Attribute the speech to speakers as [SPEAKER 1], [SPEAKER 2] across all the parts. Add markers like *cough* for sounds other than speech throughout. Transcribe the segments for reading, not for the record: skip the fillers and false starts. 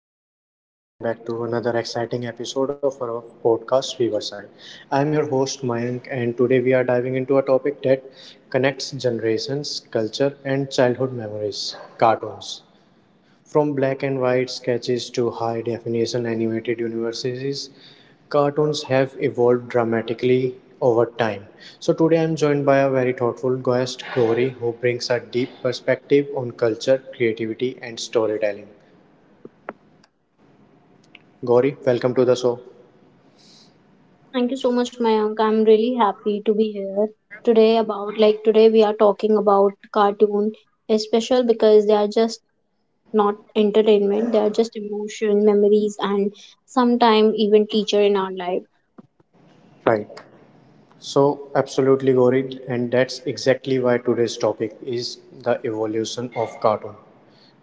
[SPEAKER 1] Hello, everyone, and welcome back to another exciting episode of our podcast Riverside. I'm your host Mayank, and today we are diving into a topic that connects generations, culture, and childhood memories cartoons. From black and white sketches to high definition animated universes, cartoons have evolved dramatically over time. So, today I'm joined by a very thoughtful guest, Gauri, who brings a deep perspective on culture, creativity, and storytelling. Gauri, welcome to the show.
[SPEAKER 2] Thank you so much, Mayank. I'm really happy to be here today. About like Today we are talking about cartoon is special because they are just not entertainment, they are just emotion, memories and sometime even teacher in our life.
[SPEAKER 1] Right. So, absolutely, Gauri, and that's exactly why today's topic is the evolution of cartoon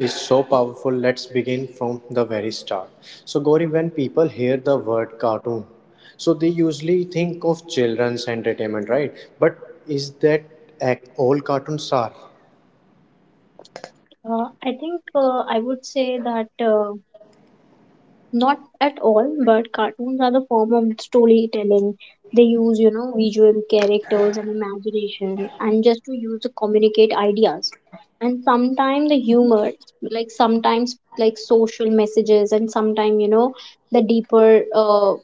[SPEAKER 1] is so powerful. Let's begin from the very start. So, Gauri, when people hear the word cartoon, so they usually think of children's entertainment, right? But is that all cartoons are?
[SPEAKER 2] I would say that uh, not at all, but cartoons are the form of storytelling. They use, you know, visual characters and imagination and just to use to communicate ideas. And sometimes the humor, like sometimes like social messages and sometimes, you know, the deeper uh,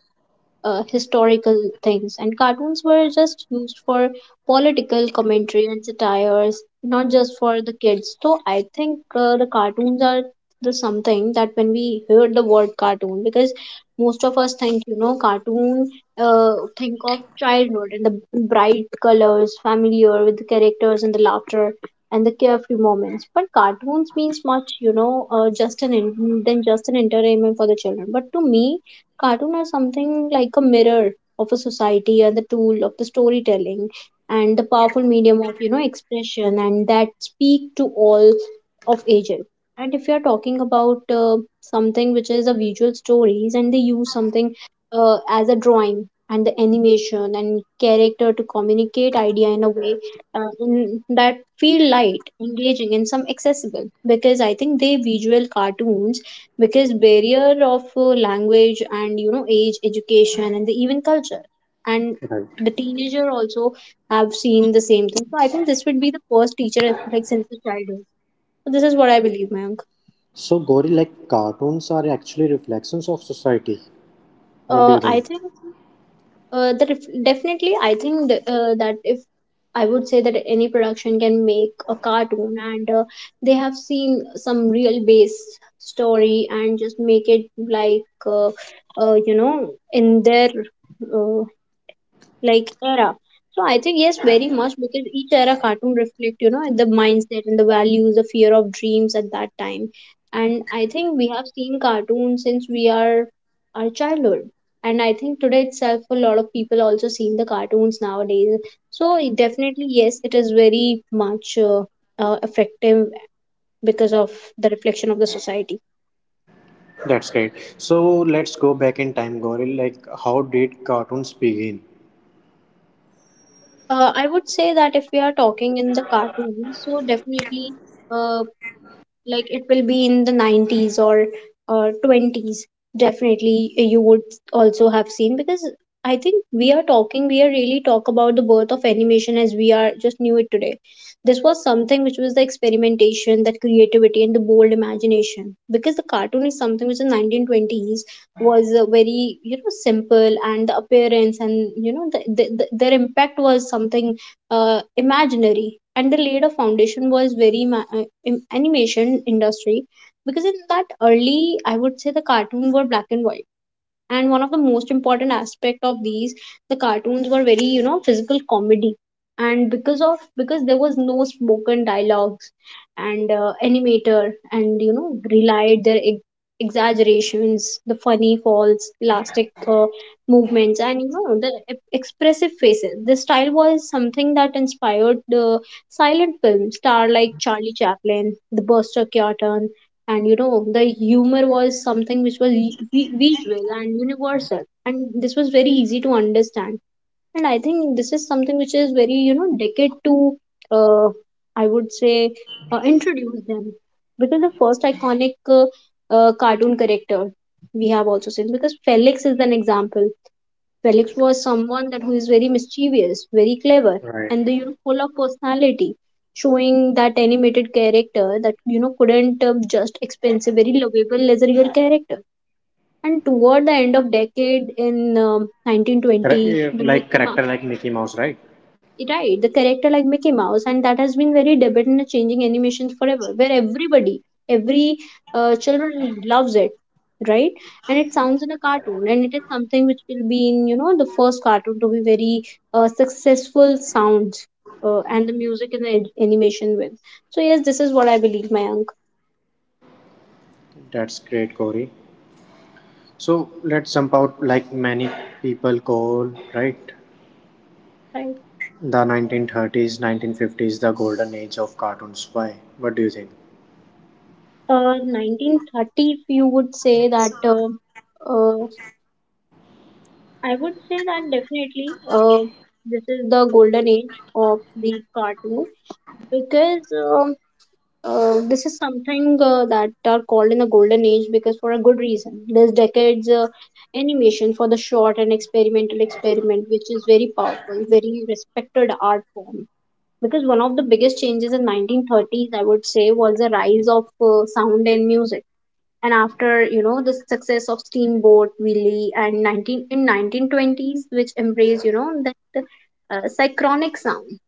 [SPEAKER 2] uh, historical things, and cartoons were just used for political commentary and satires, not just for the kids. So I think the cartoons are the something that when we hear the word cartoon, because most of us think you know cartoon, think of childhood and the bright colors, familiar with the characters and the laughter and the carefree moments. But cartoons means much, you know, just an than just an entertainment for the children. But to me, cartoon are something like a mirror of a society and the tool of the storytelling and the powerful medium of you know expression and that speak to all of ages. And if you are talking about something which is a visual stories and they use something as a drawing and the animation and character to communicate idea in a way that feel light, engaging, and some accessible because I think they visual cartoons because barrier of language and you know age education and the even culture and
[SPEAKER 1] Right.
[SPEAKER 2] the teenager also have seen the same thing. So I think this would be the first teacher like since the childhood. So this is what I believe, Mayank.
[SPEAKER 1] So, Gauri, like cartoons are actually reflections of society. What do you
[SPEAKER 2] I
[SPEAKER 1] think?
[SPEAKER 2] think That if, definitely I think that if I would say that any production can make a cartoon and they have seen some real base story and just make it like uh, uh, you know in their like era. So I think yes, very much because each era cartoon reflect, you know, the mindset and the values, the fear of dreams at that time. And I think we have seen cartoons since we are our childhood. And I think today itself a lot of people also seen the cartoons nowadays. So it definitely yes, it is very much effective because of the reflection of the society.
[SPEAKER 1] That's great. So let's go back in time, Gauri. Like, how did cartoons begin?
[SPEAKER 2] I would say that if we are talking in the cartoons, so definitely. Uh, like it will be in the 90s or 20s definitely you would also have seen because I think we are really talk about the birth of animation as we are just knew it today. This was something which was the experimentation that creativity and the bold imagination because the cartoon is something which in 1920s was very you know simple and the appearance and you know the their impact was something imaginary and they laid a foundation was very animation industry because in that early I would say the cartoon were black and white. And one of the most important aspect of these the cartoons were very you know physical comedy and because there was no spoken dialogues and animator and you know relied their exaggerations the funny falls elastic movements and you know the expressive faces. This style was something that inspired the silent film star like Charlie Chaplin, the Buster Keaton, and you know the humor was something which was visual and universal and this was very easy to understand. And I think this is something which is very you know decade to uh, I would say introduce them because the first iconic uh, cartoon character we have also seen because Felix is an example. Felix was someone that who is very mischievous, very clever,
[SPEAKER 1] Right.
[SPEAKER 2] and the, you know, full of personality, showing that animated character that you know couldn't just expense a very lovable as a real character. And toward the end of decade in 1920, the
[SPEAKER 1] Like
[SPEAKER 2] Mickey,
[SPEAKER 1] character like Mickey Mouse, right?
[SPEAKER 2] right, the character like Mickey Mouse and that has been very debated in the changing animations forever where everybody every children loves it, right? And it sounds in a cartoon and it is something which will be in you know the first cartoon to be very successful sounds and the music and the animation with. So yes, this is what I believe, my uncle.
[SPEAKER 1] That's great, Corey. So let's jump out like many people call, right?
[SPEAKER 2] Right,
[SPEAKER 1] The 1930s, 1950s, the golden age of cartoons. Why? What do you think?
[SPEAKER 2] 1930, if you would say that uh, I would say that definitely this is the golden age of the cartoon because this is something that are called in the golden age because for a good reason. This decade's animation for the short and experimental experiment, which is very powerful, very respected art form. Because one of the biggest changes in 1930s, I would say, was the rise of sound and music and after you know the success of Steamboat Willie and 19 in 1920s which embraced you know that synchronic sound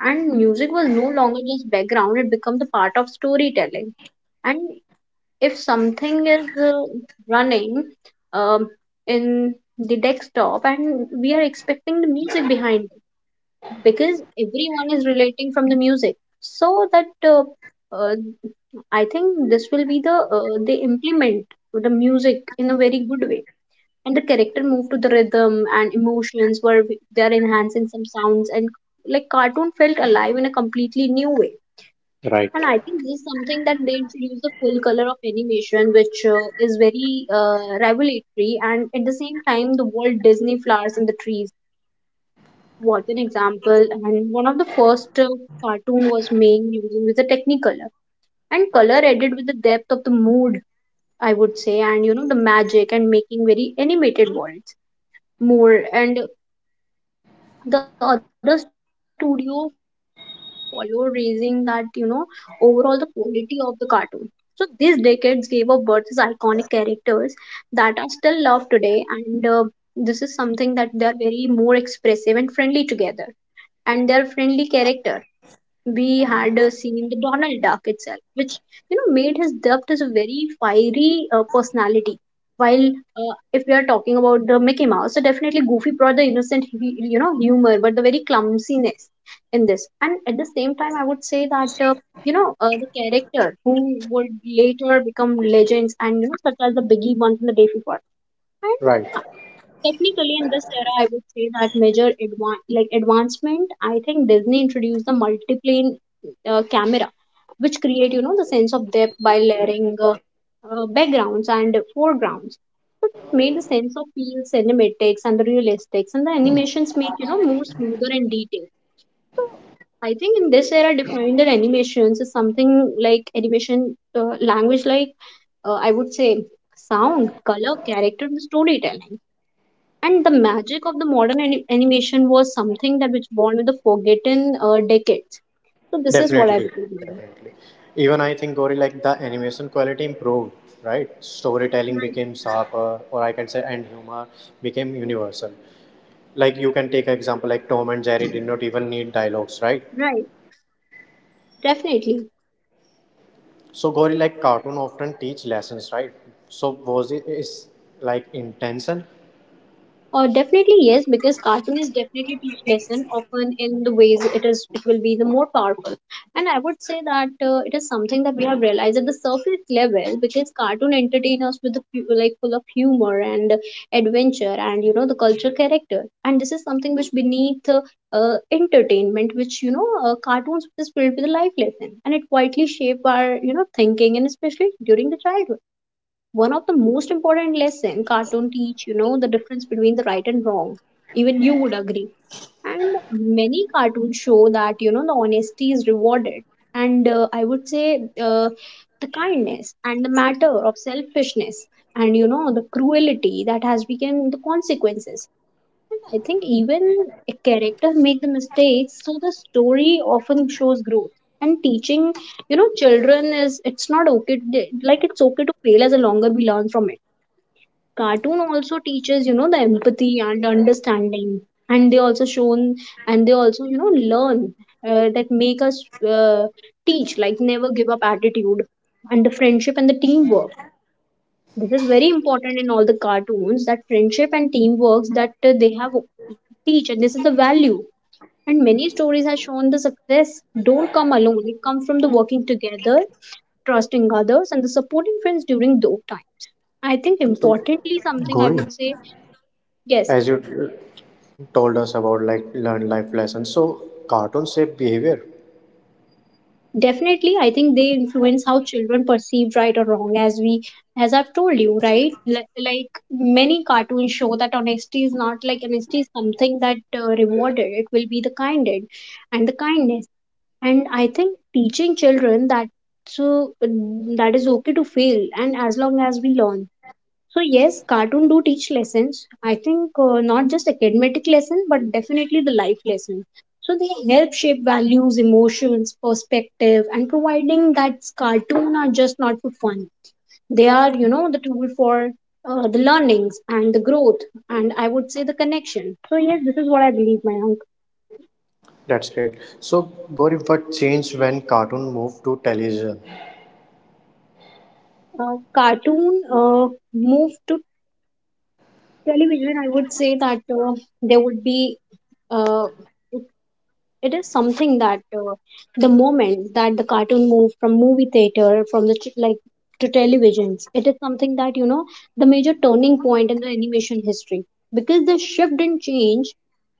[SPEAKER 2] and music was no longer just background, it became the part of storytelling. And if something is running um, in the desktop and we are expecting the music behind because everyone is relating from the music. So that uh, I think this will be the they implement the music in a very good way and the character move to the rhythm and emotions where they are enhancing some sounds and like cartoon felt alive in a completely new way.
[SPEAKER 1] Right.
[SPEAKER 2] And I think this is something that they introduce the full color of animation which is very revelatory. And at the same time, the Walt Disney Flowers and the Trees was an example and one of the first cartoon was made using with a Technicolor and color added with the depth of the mood, I would say, and you know the magic and making very animated worlds more and the other studio followed raising that you know overall the quality of the cartoon. So these decades gave a birth to iconic characters that are still loved today. And this is something that they are very more expressive and friendly together and they are friendly character. We had seen the Donald Duck itself, which you know made his depth as a very fiery personality. While if we are talking about the Mickey Mouse, so definitely Goofy brought the innocent you know humor, but the very clumsiness in this. And at the same time, I would say that the character who would later become legends and you know such as the Biggie once in the day before
[SPEAKER 1] Right.
[SPEAKER 2] technically in this era. I would say that major like advancement, I think Disney introduced the multiplane camera which create you know the sense of depth by layering backgrounds and foregrounds. So this made the sense of feel cinematics and the realistics and the animations make you know more smoother and detailed. So I think in this era defined that animations is something like animation language like I would say sound color character and storytelling and the magic of the modern animation was something that was born with the forgotten decades. So this is what I
[SPEAKER 1] Definitely.
[SPEAKER 2] believe, man.
[SPEAKER 1] Definitely. Even I think, Corey, like the animation quality improved, right? Storytelling
[SPEAKER 2] Right,
[SPEAKER 1] became sharper, or I can say, and humor became universal. Like you can take an example like Tom and Jerry did not even need dialogues, right?
[SPEAKER 2] right. Definitely.
[SPEAKER 1] So Gauri, like cartoon often teach lessons, right? So was it is like intention?
[SPEAKER 2] Definitely yes, because cartoon is definitely teach lesson often in the ways it is it will be the more powerful, and I would say that it is something that we have realized at the surface level because cartoon entertain us with the like full of humor and adventure and you know the culture character, and this is something which beneath entertainment which you know cartoons is filled with a life lesson and it quietly shape our you know thinking and especially during the childhood. One of the most important lesson cartoon teach, you know, the difference between the right and wrong. Even you would agree and many cartoons show that you know the honesty is rewarded. And I would say uh, the kindness and the matter of selfishness and you know the cruelty that has become the consequences. I think even a character make the mistakes, so the story often shows growth. And teaching, you know, children is it's not okay. Like it's okay to fail as a longer we learn from it. Cartoon also teaches, you know, the empathy and understanding, and they also shown and they also, you know, learn that make us teach like never give up attitude and the friendship and the teamwork. This is very important in all the cartoons that friendship and teamwork that they have teach, and this is the value, and many stories have shown the success don't come alone. It comes from the working together, trusting others, and the supporting friends during those times. I think
[SPEAKER 1] So
[SPEAKER 2] importantly something I
[SPEAKER 1] Gauri,
[SPEAKER 2] would say. Yes,
[SPEAKER 1] as you told us about like learn life lessons, so cartoon shape behavior.
[SPEAKER 2] definitely, I think they influence how children perceive right or wrong. As we, as I've told you, like many cartoons show that honesty is not like honesty is something that rewarded. It will be the kinded, and the kindness, and I think teaching children that. So that is okay to fail, and as long as we learn. So yes, cartoon do teach lessons, I think, not just academic lesson but definitely the life lesson. So they help shape values, emotions, perspective, and providing that cartoon are just not for fun. They are, you know, the tool for the learnings and the growth, and I would say the connection. So yes, this is what I believe, my uncle.
[SPEAKER 1] That's great. So Gauri, what changed when cartoon moved to television?
[SPEAKER 2] Cartoon move to television. I would say that there would be, uh, it is something that the moment that the cartoon moved from movie theater, from the ch- like to televisions, it is something that, you know, the major turning point in the animation history, because the shift didn't change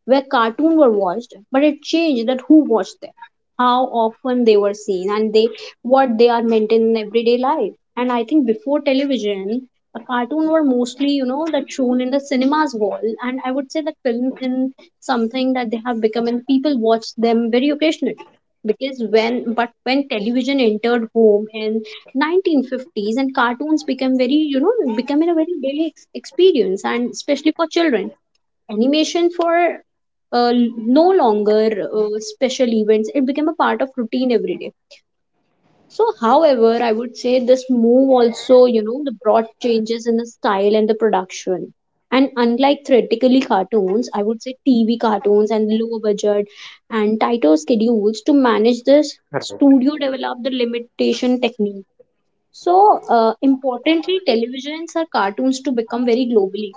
[SPEAKER 2] where cartoons were watched, but it changed that who watched them, how often they were seen, and they what they are meant in everyday life. And I think before television, the cartoon were mostly, you know, that shown in the cinemas wall, and I would say that films in something that they have become, and people watch them very occasionally. Because when but when television entered home in 1950s and cartoons became very, you know, becoming a very daily experience, and especially for children animation for no longer special events. It became a part of routine every day. So however, I would say this move also, you know, the broad changes in the style and the production, and unlike theoretically cartoons, I would say TV cartoons and low budget and tighter schedules to manage this.
[SPEAKER 1] Right.
[SPEAKER 2] Studio developed the limitation technique. So, importantly, televisions or cartoons to become very globally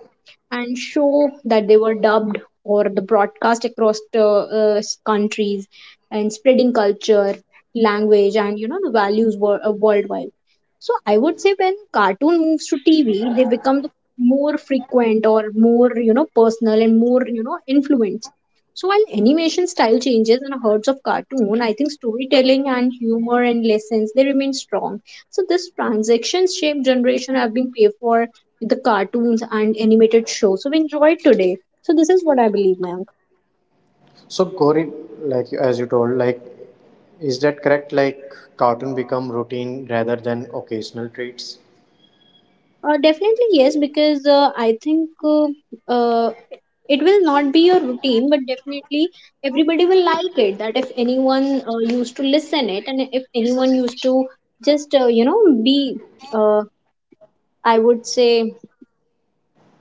[SPEAKER 2] and show that they were dubbed or the broadcast across the countries and spreading culture, language, and, you know, the values were, worldwide. So, I would say when cartoon moves to TV, they become the more frequent or more, you know, personal, and more, you know, influence. So while animation style changes and herds of cartoon, I think storytelling and humor and lessons, they remain strong. So this transactions shaped generation have been paid for with the cartoons and animated shows. So we enjoy it today. So this is what I believe, ma'am.
[SPEAKER 1] So Gauri, like as you told, like is that correct? Like cartoon become routine rather than occasional treats.
[SPEAKER 2] Definitely yes, because I think uh, it will not be a routine, but definitely everybody will like it. That if anyone used to listen it, and if anyone used to just you know be, uh, I would say,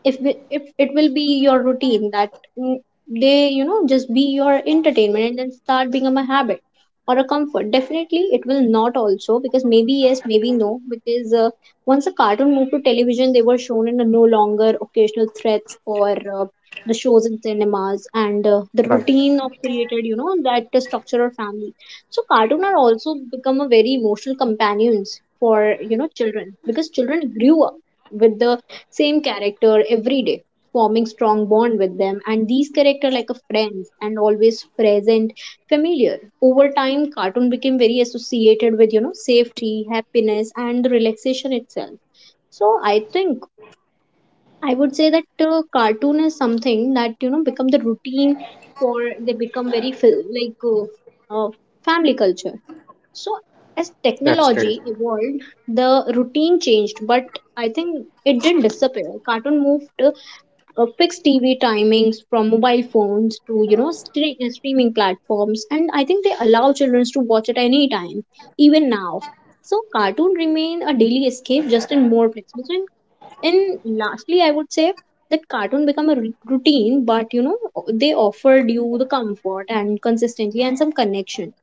[SPEAKER 2] if it will be your routine that mm, they, you know, just be your entertainment, and then start become a habit or a comfort. Definitely it will not also, because maybe yes, maybe no, because once a cartoon moved to television, they were shown in a no longer occasional threats or, uh, the shows in cinemas, and the
[SPEAKER 1] Right.
[SPEAKER 2] routine of created, you know, that structure or family. So cartoon are also become a very emotional companions for, you know, children, because children grew up with the same character every day, forming strong bond with them. And these character like a friends and always present, familiar. Over time, cartoon became very associated with, you know, safety, happiness, and the relaxation itself. So I think I would say that, cartoon is something that, you know, become the routine for they become very family culture. So as
[SPEAKER 1] That's great.
[SPEAKER 2] technology evolved, the routine changed, but I think it didn't disappear. Cartoon moved fixed TV timings from mobile phones to, you know, streaming platforms, and I think they allow children to watch at any time, even now. So cartoon remain a daily escape, just in more flexible. And lastly, I would say that cartoon become a routine, but you know, they offered you the comfort and consistency and some connection.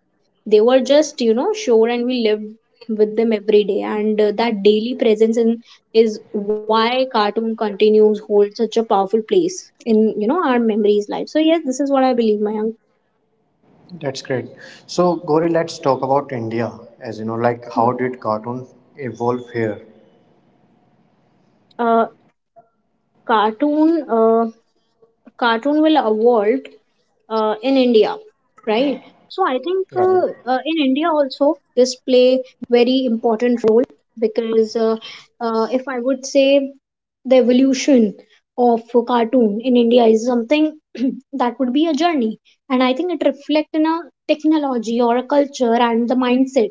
[SPEAKER 2] They were just, you know, sure, and we lived with them every day, and that daily presence in, is why cartoon continues hold such a powerful place in, you know, our memories life. So yes, this is what I believe, my
[SPEAKER 1] That's great. So, Gauri, let's talk about India. As you know, like how
[SPEAKER 2] uncle.
[SPEAKER 1] did cartoon evolve here?
[SPEAKER 2] Uh, cartoon uh, cartoon will evolve in India, right? So I think,
[SPEAKER 1] Right.
[SPEAKER 2] in India also this play very important role, because if I would say the evolution of a cartoon in India is something *clears throat* that would be a journey, and I think it reflects in a technology or a culture and the mindset.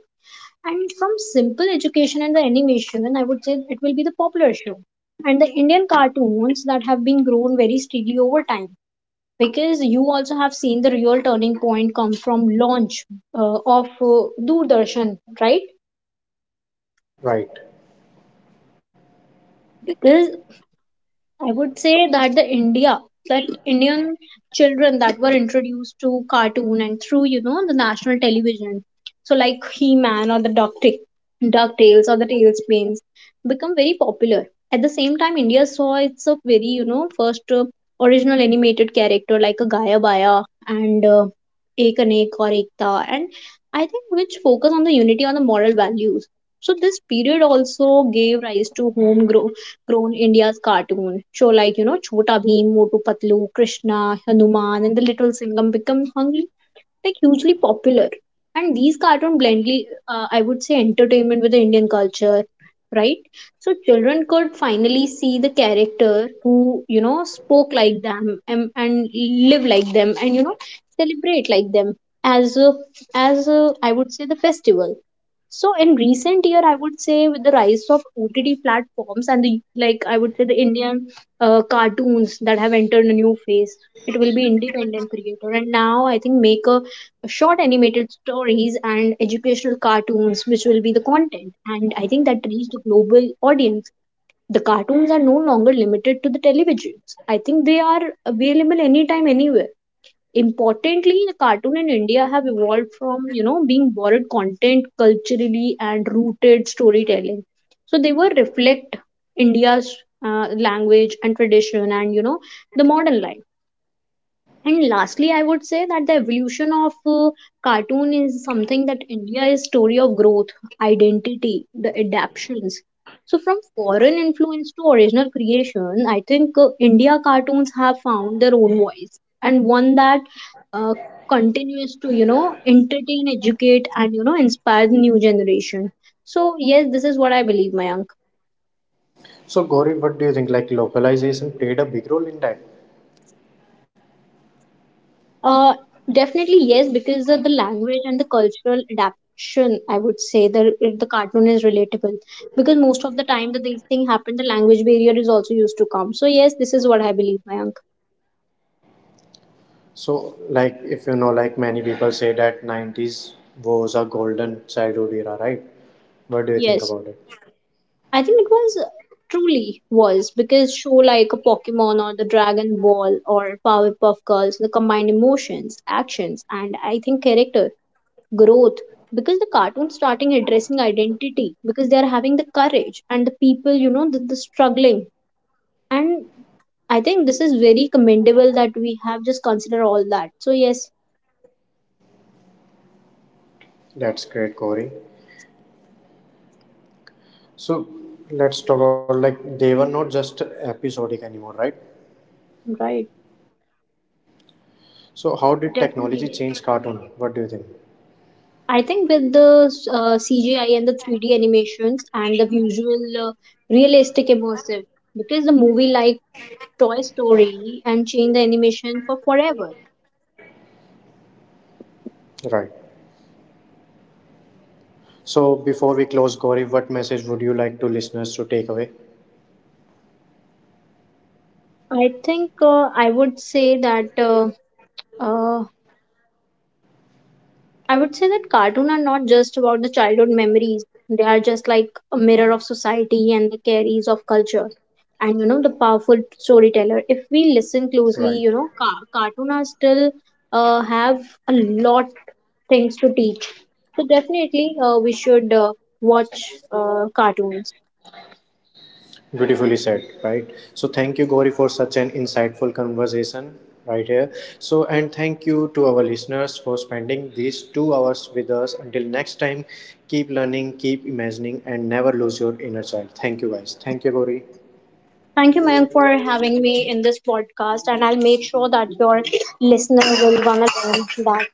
[SPEAKER 2] And from simple education and the animation, and I would say it will be the popular show. And the Indian cartoons that have been grown very steadily over time, because you also have seen the real turning point come from launch of Doordarshan, right?
[SPEAKER 1] Right.
[SPEAKER 2] Because I would say that the India, that Indian children that were introduced to cartoon and through, you know, the national television. So like He-Man or the Duck DuckTales or the Tailspins become very popular. At the same time, India saw its a very, you know, first original animated character like a Gaia Baya and Ek Anek or Ekta, and I think which focus on the unity on the moral values. So this period also gave rise to homegrown grown India's cartoon show like, you know, Chota Bheem, Motu Patlu, Krishna, Hanuman, and the Little Singam become hungry, like hugely popular. And these cartoon blendly, I would say, entertainment with the Indian culture, right? So children could finally see the character who, you know, spoke like them, and live like them, and, you know, celebrate like them as a, as a I would say the festival. So in recent year, I would say with the rise of OTT platforms and the like, I would say the Indian cartoons that have entered a new phase. It will be independent creator, and now I think make a short animated stories and educational cartoons, which will be the content. And I think that reach the global audience. The cartoons are no longer limited to the televisions. I think they are available anytime, anywhere. Importantly, the cartoon in India have evolved from, you know, being borrowed content culturally and rooted storytelling. So they were reflect India's language and tradition, and you know, the modern life. And lastly, I would say that the evolution of cartoon is something that India is story of growth, identity, the adaptations. So from foreign influence to original creation, I think, India cartoons have found their own voice, and one that uh, continues to, you know, entertain, educate, and, you know, inspire the new generation. So yes, this is what I believe, Mayank.
[SPEAKER 1] So, Gauri, what do you think? Like localization played a big role in that.
[SPEAKER 2] Uh, Definitely yes, because of the language and the cultural adaptation, I would say the cartoon is relatable, because most of the time that these thing happen, the language barrier is also used to come. So yes, this is what I believe, Mayank.
[SPEAKER 1] So, like if you know, like many people say that 90s was a golden childhood era, right? What do you think
[SPEAKER 2] Yes,
[SPEAKER 1] about it?
[SPEAKER 2] I think it was, truly was, because show like a Pokemon or the Dragon Ball or Powerpuff Girls, the combined emotions, actions, and I think character growth, because the cartoon starting addressing identity, because they are having the courage and the people, you know, the struggling. And I think this is very commendable that we have just considered all that. So yes,
[SPEAKER 1] That's great, Corey. So let's talk about like they were not just episodic anymore, right?
[SPEAKER 2] right.
[SPEAKER 1] So how did technology
[SPEAKER 2] Definitely.
[SPEAKER 1] change cartoon? What do you think?
[SPEAKER 2] I think with the CGI and the 3D animations and the visual realistic immersive, because the movie like Toy Story and changed the animation for forever.
[SPEAKER 1] Right. So, before we close, Gaurav, what message would you like to listeners to take away?
[SPEAKER 2] I think, uh, I would say that cartoons are not just about the childhood memories. They are just like a mirror of society and the carries of culture. And you know, the powerful storyteller. If we listen closely,
[SPEAKER 1] Right.
[SPEAKER 2] you know, cartoon are still have a lot things to teach. So definitely, we should watch cartoons.
[SPEAKER 1] Beautifully said, right? So, thank you, Gauri, for such an insightful conversation right here. So, and thank you to our listeners for spending these 2 hours with us. Until next time, keep learning, keep imagining, and never lose your inner child. Thank you, guys. Thank you, Gauri.
[SPEAKER 2] Thank you, Mayank, for having me in this podcast, and I'll make sure that your listener will wanna learn that.